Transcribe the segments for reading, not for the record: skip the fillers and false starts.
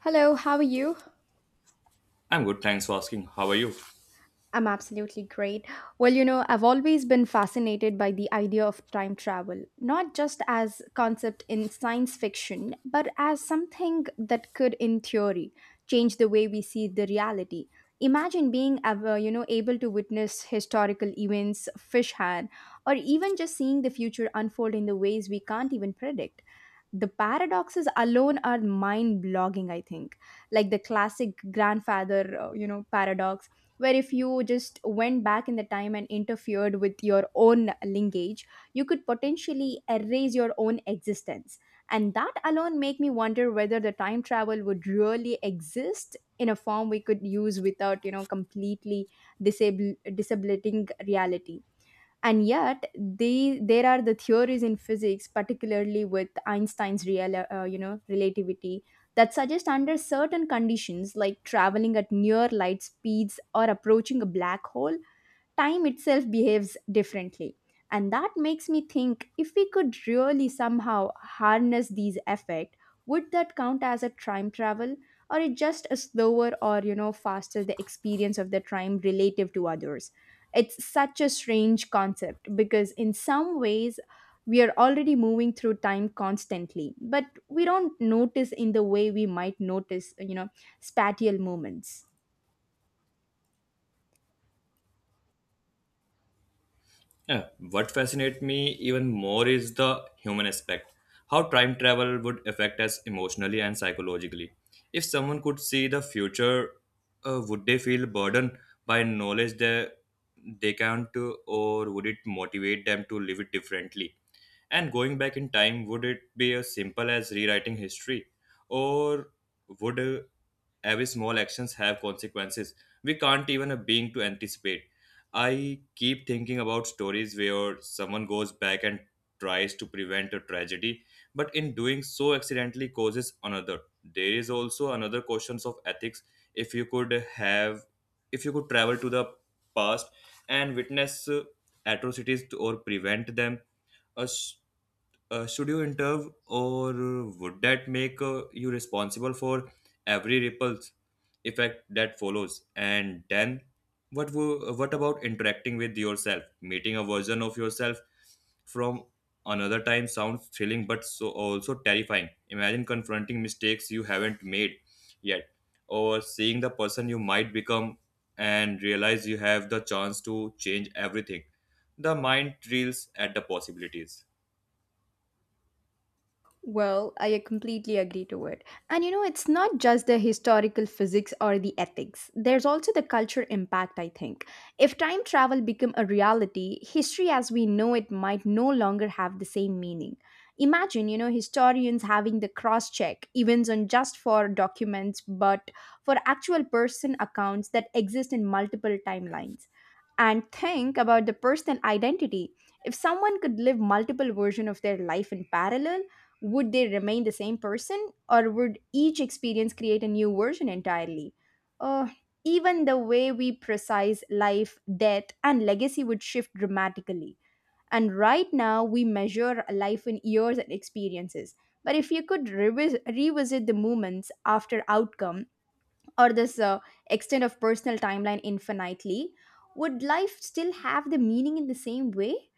Hello, how are you? I'm good, thanks for asking. How are you? I'm absolutely great. Well, I've always been fascinated by the idea of time travel, not just as concept in science fiction, but as something that could in theory change the way we see the reality. Imagine being ever, able to witness historical events fish hand, or even just seeing the future unfold in the ways we can't even predict. The paradoxes alone are mind blogging, I think. Like the classic grandfather paradox, where if you just went back in the time and interfered with your own lineage, you could potentially erase your own existence. And that alone make me wonder whether the time travel would really exist in a form we could use without completely disable disabling reality. And yet they there are the theories in physics, particularly with Einstein's real you know relativity, that suggest under certain conditions like traveling at near light speeds or approaching a black hole, time itself behaves differently. And that makes me think, if we could really somehow harness these effects, would that count as a time travel, or it just a slower or faster the experience of the time relative to others? It's such a strange concept, because in some ways we are already moving through time constantly, but we don't notice in the way we might notice, spatial moments. Yeah, what fascinates me even more is the human aspect. How time travel would affect us emotionally and psychologically. If someone could see the future, would they feel burdened by knowledge that they can't, or would it motivate them to live it differently? And going back in time, would it be as simple as rewriting history? Or would every small actions have consequences we can't even a being to anticipate? I keep thinking about stories where someone goes back and tries to prevent a tragedy, but in doing so accidentally causes another. There is also another questions of ethics. If you could have, if you could travel to the past and witness atrocities or prevent them, as should you intervene, or would that make you responsible for every ripple effect that follows? And then what about interacting with yourself, meeting a version of yourself from another time? Sounds thrilling but so also terrifying. Imagine confronting mistakes you haven't made yet, or seeing the person you might become and realize you have the chance to change everything. The mind reels at the possibilities. Well, I completely agree to it. And it's not just the historical physics or the ethics. There's also the culture impact, I think. If time travel become a reality, history as we know it might no longer have the same meaning. Imagine, historians having the cross check events on just for documents, but for actual person accounts that exist in multiple timelines. And think about the personal identity. If someone could live multiple versions of their life in parallel, would they remain the same person, or would each experience create a new version entirely? uh, Even the way we precise life death and legacy would shift dramatically. And right now we measure life in years and experiences, but if you could revisit the moments after outcome, or this extent of personal timeline infinitely, would life still have the meaning in the same way?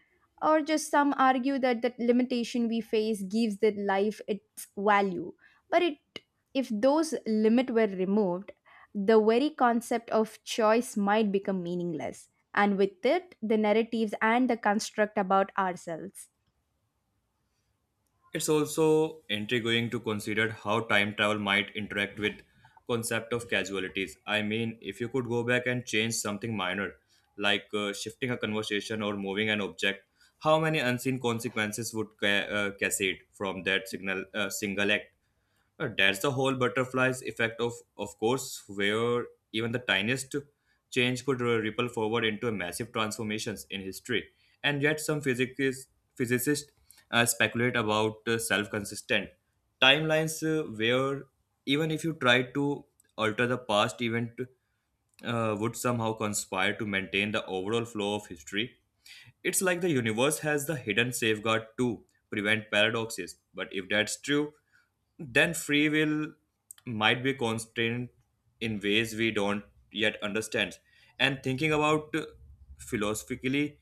Or just some argue that that limitation we face gives the life its value. But if those limit were removed, the very concept of choice might become meaningless. And with it, the narratives and the construct about ourselves. It's also intriguing to consider how time travel might interact with concept of casualties. I mean, if you could go back and change something minor, like shifting a conversation or moving an object, how many unseen consequences would cascade from that signal single act? That's the whole butterflies effect of course, where even the tiniest change could ripple forward into massive transformations in history. And yet some physicists speculate about self-consistent timelines, where even if you try to alter the past event, would somehow conspire to maintain the overall flow of history. It's like the universe has the hidden safeguard to prevent paradoxes. But if that's true, then free will might be constrained in ways we don't yet understand. And thinking about philosophically,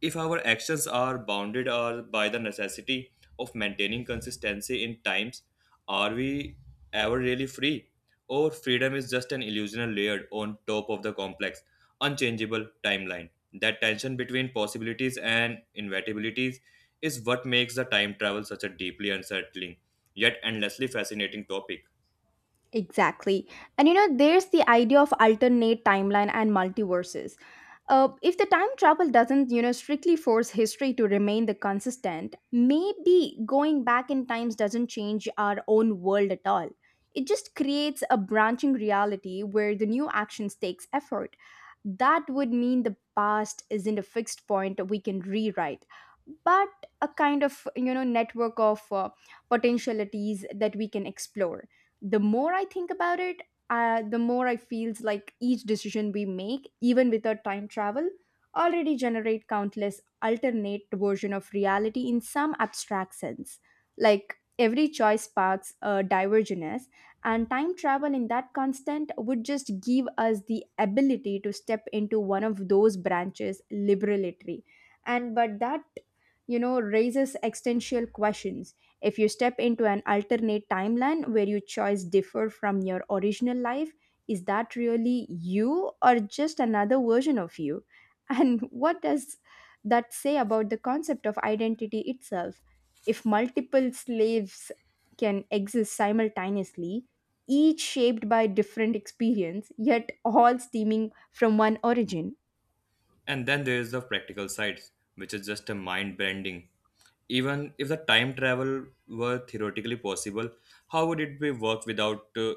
if our actions are bounded or by the necessity of maintaining consistency in times, are we ever really free? Or freedom is just an illusional layered on top of the complex, unchangeable timeline. That tension between possibilities and inevitabilities is what makes the time travel such a deeply unsettling yet endlessly fascinating topic. Exactly. And there's the idea of alternate timeline and multiverses. If the time travel doesn't, strictly force history to remain the consistent, maybe going back in times doesn't change our own world at all. It just creates a branching reality where the new actions takes effort. That would mean the past isn't a fixed point we can rewrite, but a kind of, network of potentialities that we can explore. The more I think about it, the more I feels like each decision we make even without time travel already generate countless alternate version of reality in some abstract sense, like every choice sparks a divergence. And time travel in that constant would just give us the ability to step into one of those branches liberatory. And but that raises existential questions. If you step into an alternate timeline where your choice differ from your original life, is that really you or just another version of you? And what does that say about the concept of identity itself, if multiple slaves can exist simultaneously, each shaped by different experience yet all stemming from one origin? And then there is the practical side, which is just a mind bending. Even if the time travel were theoretically possible, how would it be work without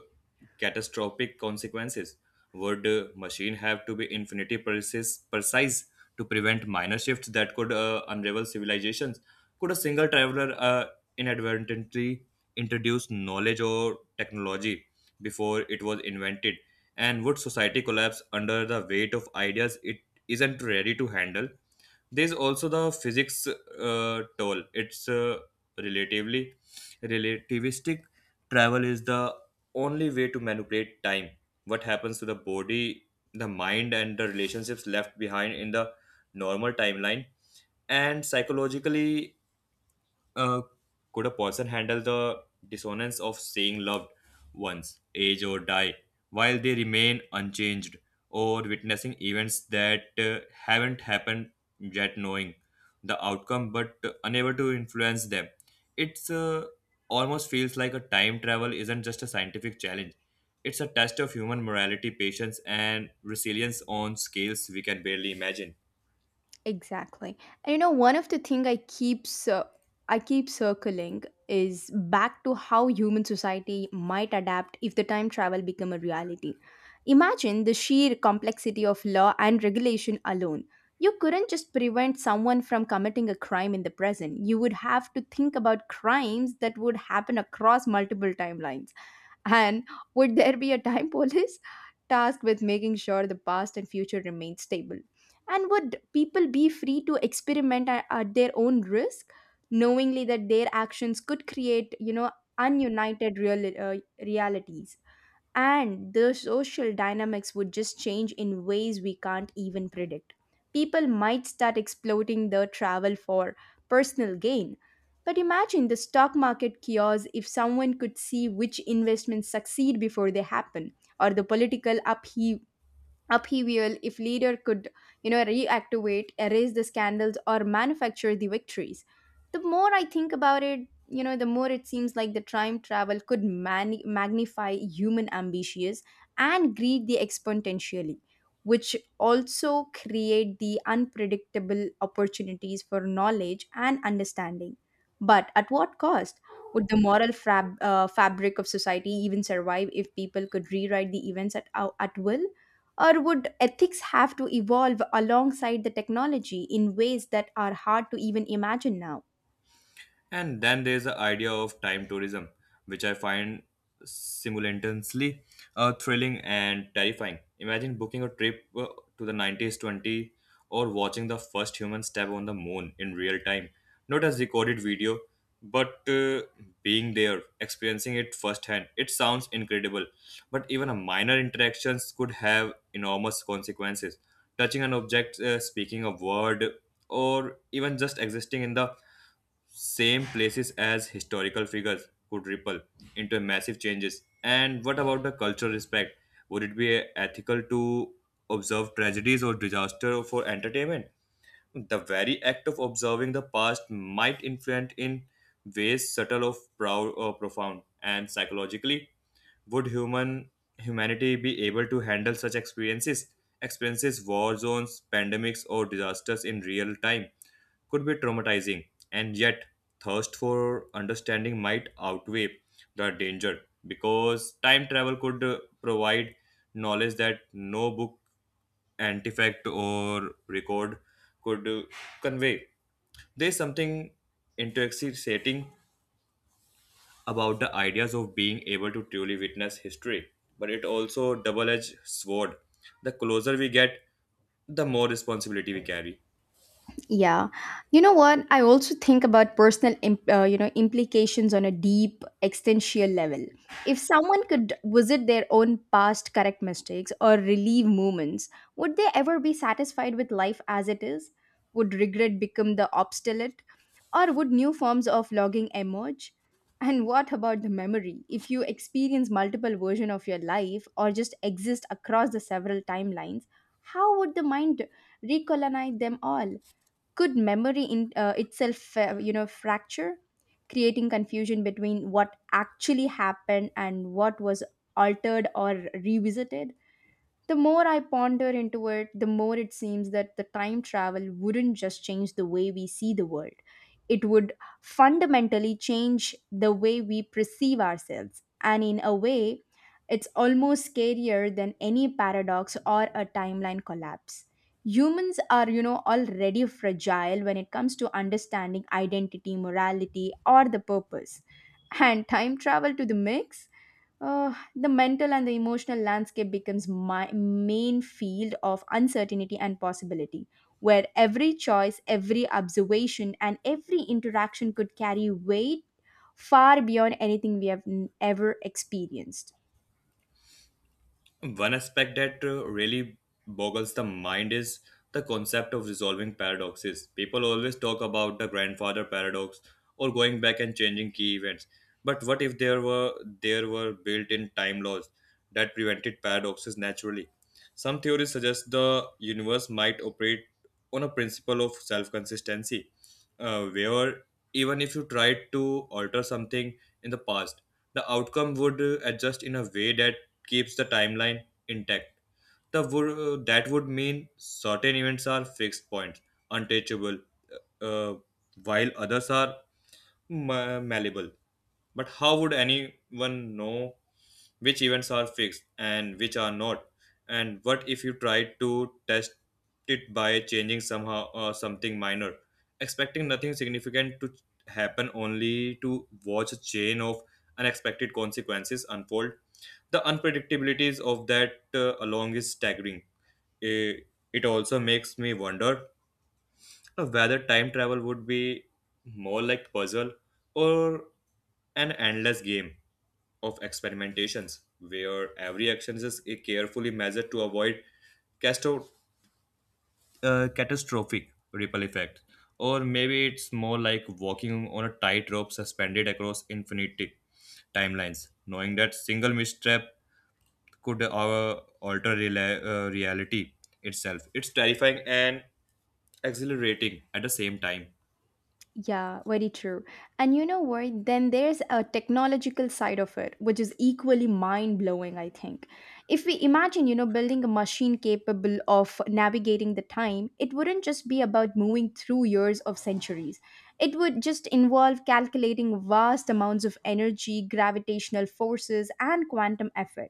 catastrophic consequences? Would machine have to be infinity precise to prevent minor shifts that could unravel civilizations? Could a single traveler inadvertently introduce knowledge or technology before it was invented? And would society collapse under the weight of ideas it isn't ready to handle? There's also the physics toll. It's relatively relativistic. Travel is the only way to manipulate time. What happens to the body, the mind, and the relationships left behind in the normal timeline? And psychologically, uh, could a person handle the dissonance of saying loved ones age or die while they remain unchanged, or witnessing events that haven't happened yet, knowing the outcome but unable to influence them? It's almost feels like a time travel isn't just a scientific challenge. It's a test of human morality, patience and resilience on scales we can barely imagine. Exactly. And one of the thing I keep circling is back to how human society might adapt if the time travel become a reality. Imagine the sheer complexity of law and regulation alone. You couldn't just prevent someone from committing a crime in the present. You would have to think about crimes that would happen across multiple timelines. And would there be a time police tasked with making sure the past and future remain stable? And would people be free to experiment at their own risk, knowingly that their actions could create, ununited realities? And the social dynamics would just change in ways we can't even predict. People might start exploiting the travel for personal gain. But imagine the stock market chaos if someone could see which investments succeed before they happen, or the political upheaval if leader could reactivate erase the scandals or manufacture the victories. The more I think about it, the more it seems like the time travel could magnify human ambitions and greed the exponentially, which also create the unpredictable opportunities for knowledge and understanding. But at what cost would the moral fabric of society even survive if people could rewrite the events at will, or would ethics have to evolve alongside the technology in ways that are hard to even imagine now? And then there's the idea of time tourism, which I find simultaneously thrilling and terrifying. Imagine booking a trip to the 90s 20, or watching the first human step on the moon in real time, not as recorded video, but being there, experiencing it firsthand. It sounds incredible, but even a minor interactions could have enormous consequences. Touching an object, speaking a word, or even just existing in the same places as historical figures could ripple into massive changes. And what about the cultural respect? Would it be ethical to observe tragedies or disaster for entertainment? The very act of observing the past might influence in ways subtle of proud or profound. And psychologically, would humanity be able to handle such experiences? Experiences, war zones, pandemics, or disasters in real time could be traumatizing, and yet thirst for understanding might outweigh the danger, because time travel could provide knowledge that no book, artifact, or record could convey. There's something intoxicating about the ideas of being able to truly witness history, but it also double-edged sword. The closer we get, the more responsibility we carry. Yeah. You know what? I also think about personal implications on a deep existential level. If someone could visit their own past, correct mistakes or relieve moments, would they ever be satisfied with life as it is? Would regret become the obstinate, or would new forms of logging emerge? And what about the memory? If you experience multiple versions of your life or just exist across the several timelines, how would the mind recolonize them all? Could memory in itself fracture, creating confusion between what actually happened and what was altered or revisited? The more I ponder into it, the more it seems that the time travel wouldn't just change the way we see the world. It would fundamentally change the way we perceive ourselves. And in a way, it's almost scarier than any paradox or a timeline collapse. Humans are, already fragile when it comes to understanding identity, morality, or the purpose. And time travel to the mix? The mental and the emotional landscape becomes my main field of uncertainty and possibility, where every choice, every observation, and every interaction could carry weight far beyond anything we have ever experienced. One aspect that really boggles the mind is the concept of resolving paradoxes. People always talk about the grandfather paradox or going back and changing key events. But what if there were built-in time laws that prevented paradoxes naturally? Some theories suggest the universe might operate on a principle of self-consistency, where even if you tried to alter something in the past, the outcome would adjust in a way that keeps the timeline intact. That would mean certain events are fixed points, untouchable, uh, while others are malleable. But how would anyone know which events are fixed and which are not? And what if you try to test it by changing somehow something minor, expecting nothing significant to happen, only to watch a chain of unexpected consequences unfold? The unpredictabilities of that along is staggering. Eh, It also makes me wonder whether time travel would be more like puzzle, or an endless game of experimentations where every action is carefully measured to avoid casto- catastrophic ripple effect. Or maybe it's more like walking on a tightrope suspended across infinity timelines, knowing that single misstep could alter reality itself. It's terrifying and exhilarating at the same time. Yeah, very true. And you know what? Then there's a technological side of it, which is equally mind blowing, I think. If we imagine, building a machine capable of navigating the time, it wouldn't just be about moving through years of centuries. It would just involve calculating vast amounts of energy, gravitational forces, and quantum effort.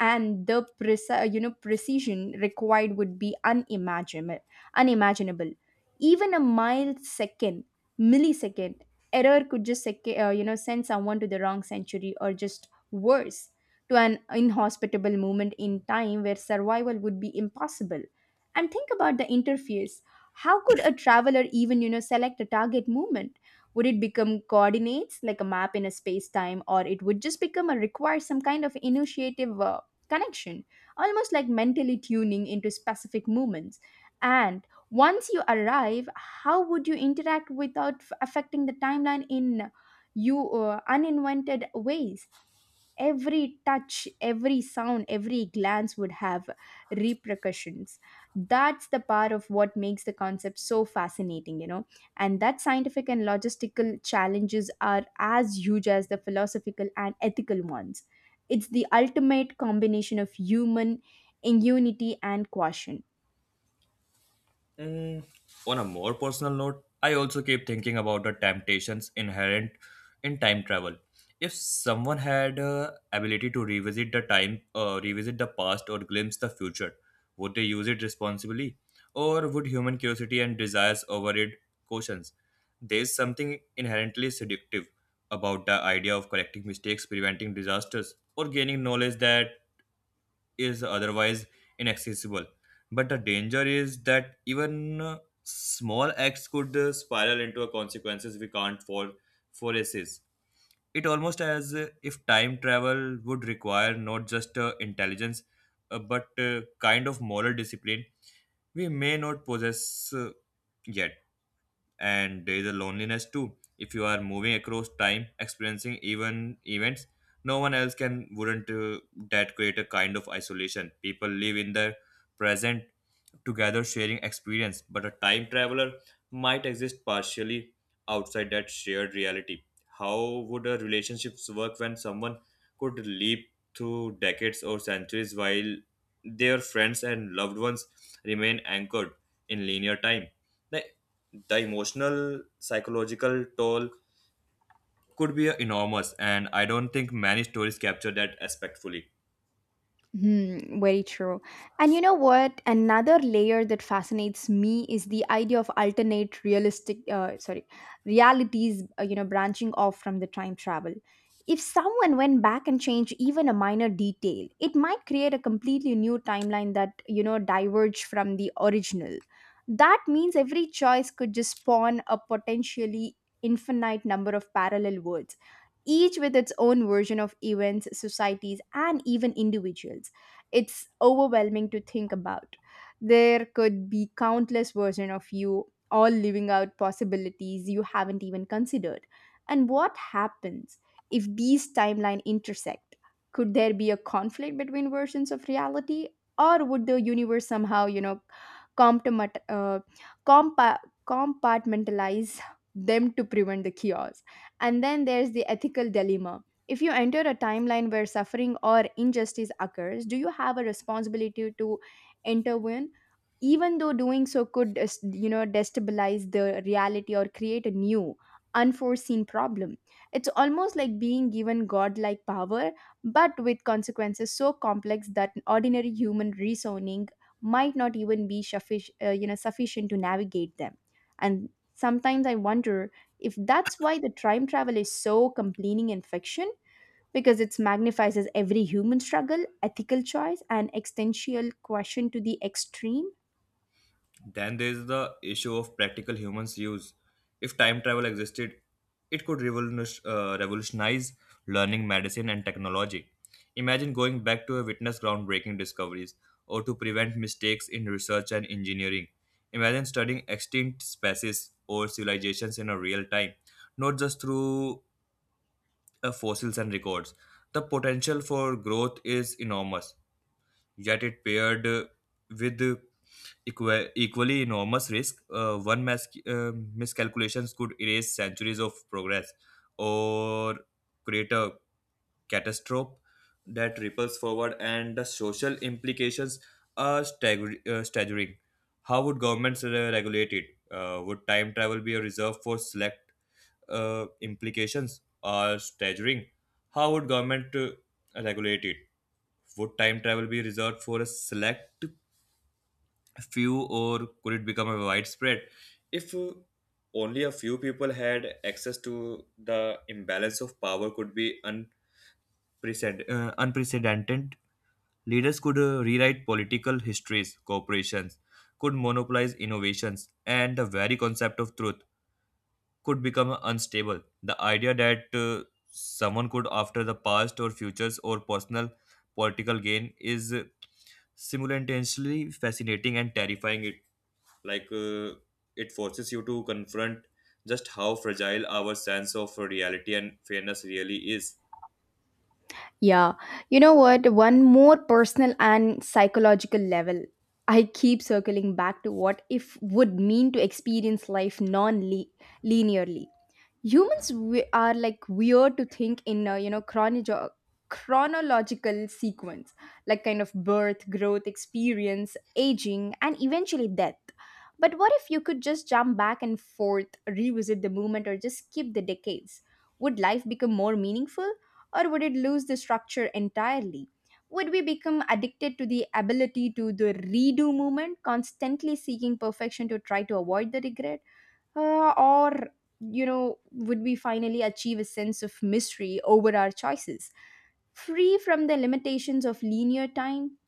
And the precision required would be unimaginable. unimaginable. Even a millisecond error could just send someone to the wrong century, or just worse, to an inhospitable moment in time where survival would be impossible. And think about the interface. How could a traveler even select a target movement? Would it become coordinates like a map in a space time, or it would just become a require some kind of initiative connection, almost like mentally tuning into specific movements? And once you arrive, how would you interact without affecting the timeline in you uninvented ways? Every touch, every sound, every glance would have repercussions. That's the part of what makes the concept so fascinating, you know. And that scientific and logistical challenges are as huge as the philosophical and ethical ones. It's the ultimate combination of human ingenuity and caution. Mm, on a more personal note, I also keep thinking about the temptations inherent in time travel. If someone had ability to revisit the past, or glimpse the future, would they use it responsibly, or would human curiosity and desires override cautions? There's something inherently seductive about the idea of correcting mistakes, preventing disasters, or gaining knowledge that is otherwise inaccessible. But the danger is that even small acts could spiral into a consequences we can't foresees. It almost as if time travel would require not just intelligence, but kind of moral discipline we may not possess yet. And there is a loneliness too. If you are moving across time experiencing even events no one else can, wouldn't that create a kind of isolation? People live in the present together sharing experience, but a time traveler might exist partially outside that shared reality. How would a relationships work when someone could leap through decades or centuries while their friends and loved ones remain anchored in linear time? The the emotional psychological toll could be enormous, and I don't think many stories capture that aspect fully. Very true. And you know what? Another layer that fascinates me is the idea of alternate realities, branching off from the time travel. If someone went back and changed even a minor detail, it might create a completely new timeline that, diverge from the original. That means every choice could just spawn a potentially infinite number of parallel worlds, each with its own version of events, societies, and even individuals. It's overwhelming to think about. There could be countless versions of you, all living out possibilities you haven't even considered. And what happens if these timelines intersect? Could there be a conflict between versions of reality? Or would the universe somehow, comptomat- uh, compa- compartmentalize them to prevent the chaos? And then there's the ethical dilemma. If you enter a timeline where suffering or injustice occurs, do you have a responsibility to intervene? Even though doing so could, destabilize the reality or create a new, unforeseen problem. It's almost like being given godlike power, but with consequences so complex that ordinary human reasoning might not even be sufficient to navigate them. And sometimes I wonder if that's why the time travel is so complaining in fiction, because it magnifies as every human struggle, ethical choice, and existential question to the extreme. Then there's the issue of practical humans use. If time travel existed, it could revolutionize learning, medicine and technology. Imagine going back to witness groundbreaking discoveries, or to prevent mistakes in research and engineering. Imagine studying extinct species or civilizations in a real time, not just through fossils and records. The potential for growth is enormous, yet it paired with equally enormous risk. One miscalculations could erase centuries of progress, or create a catastrophe that ripples forward. And the social implications are staggering. How would governments regulate it? Would time travel be a reserve for select implications are staggering. How would government regulate it? Would time travel be reserved for a select few, or could it become a widespread? If only a few people had access, to the imbalance of power could be unprecedented. Unprecedented. Leaders could rewrite political histories. Corporations could monopolize innovations, and the very concept of truth could become unstable. The idea that someone could, after the past or futures or personal political gain, is simultaneously fascinating and terrifying. It like it forces you to confront just how fragile our sense of reality and fairness really is. Yeah, you know what? One more personal and psychological level. I keep circling back to what if would mean to experience life non linearly. Humans we are like weird to think in a chronological sequence, like kind of birth, growth, experience, aging, and eventually death. But what if you could just jump back and forth, revisit the moment, or just skip the decades? Would life become more meaningful, or would it lose the structure entirely? Would we become addicted to the ability to the redo movement, constantly seeking perfection to try to avoid the regret? Or would we finally achieve a sense of mystery over our choices, free from the limitations of linear time?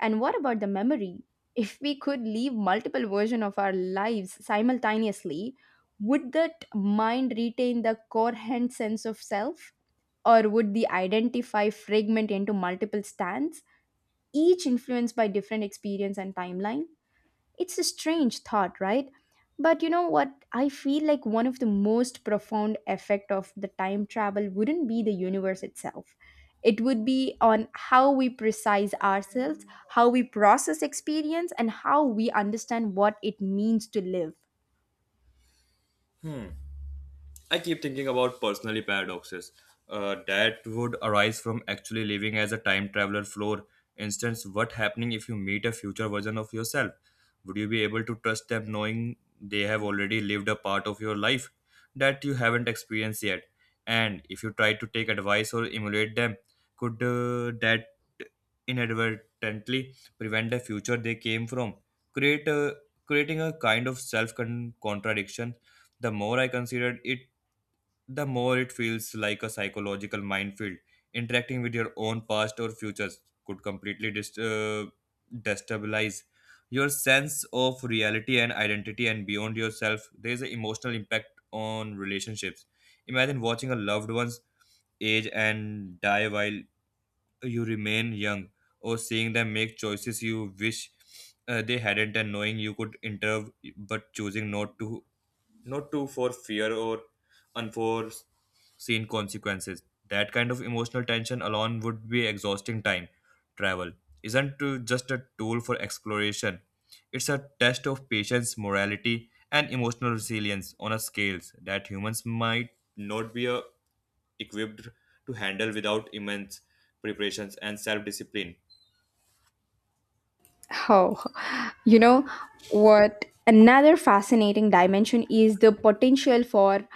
And what about the memory? If we could live multiple versions of our lives simultaneously, would that mind retain the coherent sense of self, or would the identify fragment into multiple stands, each influenced by different experience and timeline? It's a strange thought, right? But you know what? I feel like one of the most profound effect of the time travel wouldn't be the universe itself. It would be on how we precise ourselves, how we process experience, and how we understand what it means to live. I keep thinking about personally paradoxes that would arise from actually living as a time traveler floor. Instance, what happening if you meet a future version of yourself? Would you be able to trust them knowing they have already lived a part of your life that you haven't experienced yet? And if you try to take advice or emulate them, could that inadvertently prevent the future they came from? Create a, Creating a kind of self contradiction. The more I considered it, the more it feels like a psychological minefield. Interacting with your own past or futures could completely destabilize your sense of reality and identity. And beyond yourself, there is an emotional impact on relationships. Imagine watching a loved one's age and die while you remain young, or seeing them make choices you wish they hadn't, and knowing you could intervene but choosing not to, not to for fear or unforeseen seen consequences. That kind of emotional tension alone would be exhausting time. Travel isn't just a tool for exploration, it's a test of patience, morality, and emotional resilience on a scale that humans might not be equipped to handle without immense preparations and self discipline. Oh, you know what? Another fascinating dimension is the potential for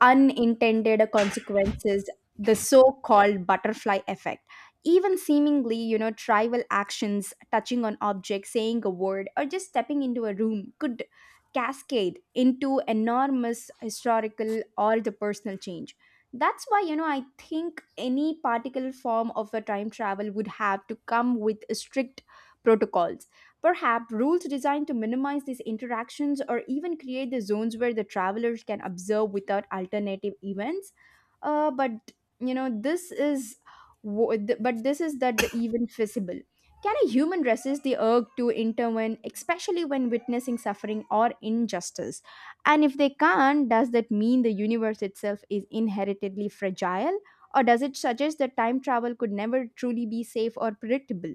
unintended consequences, the so-called butterfly effect. Even seemingly trivial actions, touching on objects, saying a word, or just stepping into a room, could cascade into enormous historical or the personal change. That's why I think any particular form of a time travel would have to come with strict protocols. Perhaps rules designed to minimize these interactions, or even create the zones where the travelers can observe without alternative events. But you know, this is wo- th- but this is that the even feasible. Can a human resist the urge to intervene, especially when witnessing suffering or injustice? And if they can't, does that mean the universe itself is inherently fragile? Or does it suggest that time travel could never truly be safe or predictable?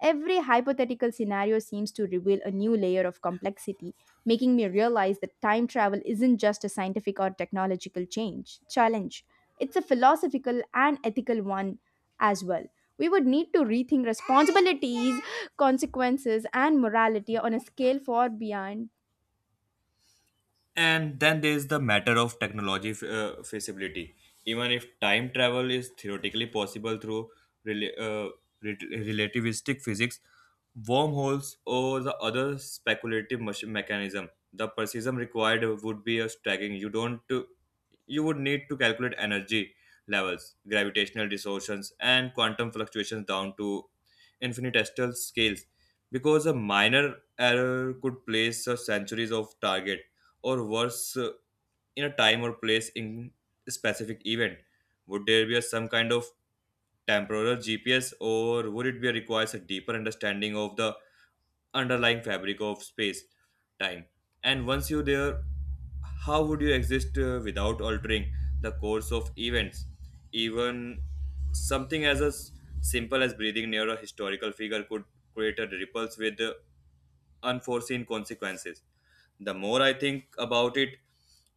Every hypothetical scenario seems to reveal a new layer of complexity, making me realize that time travel isn't just a scientific or technological change challenge. It's a philosophical and ethical one as well. We would need to rethink responsibilities, consequences, and morality on a scale far beyond. And then there's the matter of technology feasibility. Even if time travel is theoretically possible through rela- uh, relativistic physics, wormholes, or the other speculative mechanism, the precision required would be a staggering. You don't, You would need to calculate energy levels, gravitational distortions, and quantum fluctuations down to infinitesimal scales, because a minor error could place a centuries of target or worse in a time or place in a specific event. Would there be some kind of temporal GPS, or would it be requires a deeper understanding of the underlying fabric of space time? And once you're there, how would you exist without altering the course of events, even something as simple as breathing near a historical figure could create a ripples with the unforeseen consequences. The more I think about it,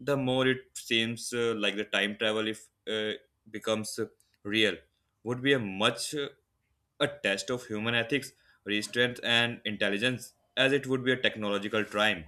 the more it seems like the time travel, if becomes real, would be a much a test of human ethics, restraint, and intelligence, as it would be a technological triumph.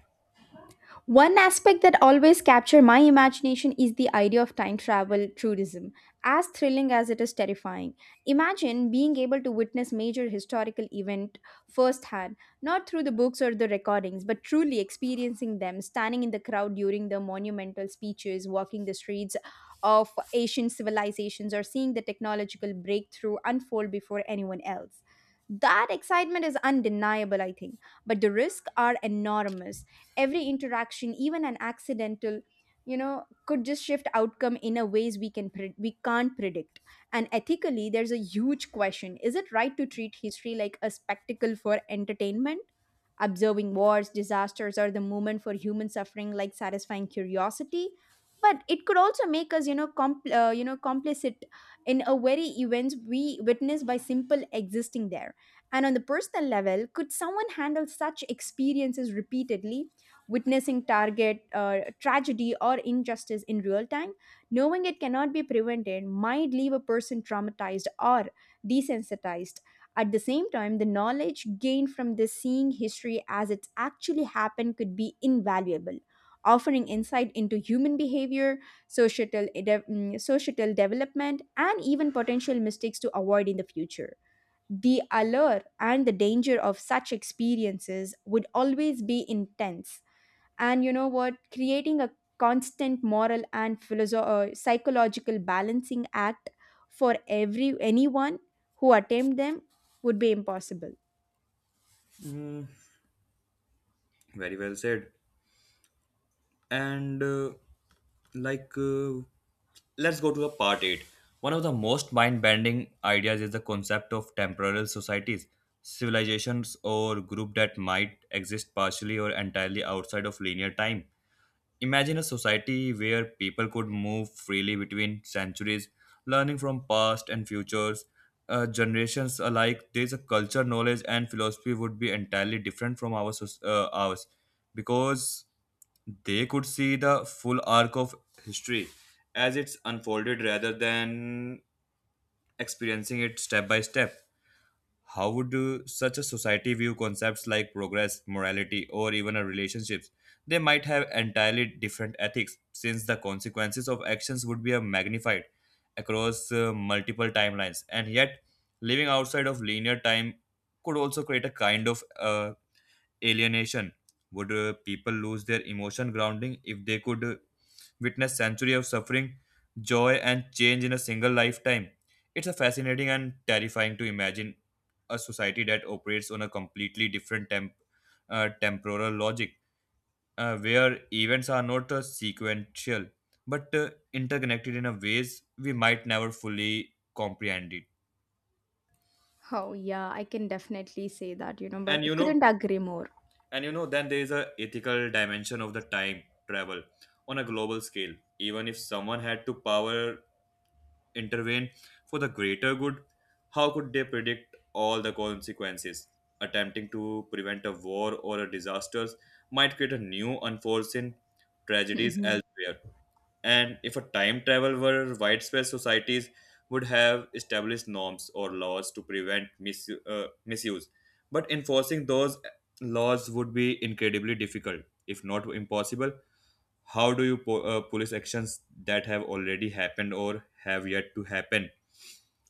One aspect that always captured my imagination is the idea of time travel tourism, as thrilling as it is terrifying. Imagine being able to witness major historical event firsthand, not through the books or the recordings, but truly experiencing them, standing in the crowd during the monumental speeches, walking the streets of ancient civilizations, or seeing the technological breakthrough unfold before anyone else. That excitement is undeniable, I think, but the risks are enormous. Every interaction, even an accidental, could just shift outcome in a ways we can't predict. And ethically, there's a huge question: is it right to treat history like a spectacle for entertainment, observing wars, disasters, or the movement for human suffering like satisfying curiosity? But it could also make us complicit in a very events we witness by simple existing there. And on the personal level, could someone handle such experiences repeatedly, witnessing target tragedy or injustice in real time? Knowing it cannot be prevented might leave a person traumatized or desensitized. At the same time, the knowledge gained from this, seeing history as it's actually happened, could be invaluable, offering insight into human behavior, societal, societal development, and even potential mistakes to avoid in the future. The allure and the danger of such experiences would always be intense. And you know what, creating a constant moral and psychological balancing act for every anyone who attempt them would be impossible. Very well said. And like Let's go to the part 8. One of the most mind-bending ideas is the concept of temporal societies, civilizations or group that might exist partially or entirely outside of linear time. Imagine a society where people could move freely between centuries, learning from past and futures generations alike. There's a culture knowledge and philosophy would be entirely different from our ours, because they could see the full arc of history as it's unfolded rather than experiencing it step by step. How would such a society view concepts like progress, morality, or even a relationships? They might have entirely different ethics, since the consequences of actions would be magnified across multiple timelines. And yet, living outside of linear time could also create a kind of alienation? Would people lose their emotion grounding if they could witness century of suffering, joy, and change in a single lifetime? It's a fascinating and terrifying to imagine a society that operates on a completely different temporal logic, where events are not sequential but interconnected in a ways we might never fully comprehend it. Oh, yeah, I can definitely say that, you know, but And I you know, couldn't agree more. And you know, then there is a ethical dimension of the time travel on a global scale. Even if someone had to power intervene for the greater good, how could they predict all the consequences? Attempting to prevent a war or a disaster might create a new unforeseen tragedies Mhm. elsewhere. And if a time travel were widespread, societies would have established norms or laws to prevent misuse. But enforcing those laws would be incredibly difficult, if not impossible. How do you police actions that have already happened or have yet to happen?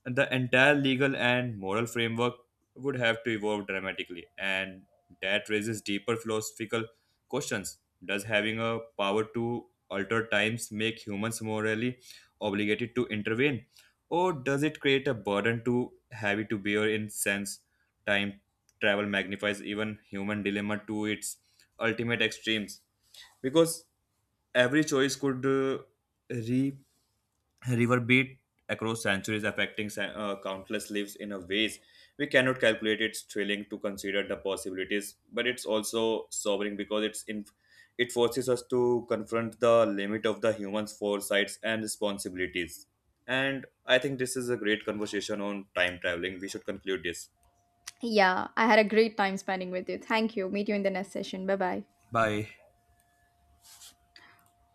The entire legal and moral framework would have to evolve dramatically, and that raises deeper philosophical questions. Does having a power to alter times make humans morally obligated to intervene, or does it create a burden too heavy to bear? In sense, time travel magnifies even human dilemma to its ultimate extremes, because every choice could re- reverberate across centuries, affecting countless lives in a ways we cannot calculate. It's thrilling to consider the possibilities, but it's also sobering because it forces us to confront the limit of the human's foresights and responsibilities. And I think this is a great conversation on time traveling. We should conclude this. Yeah, I had a great time spending with you. Thank you. Meet you in the next session. Bye bye. Bye.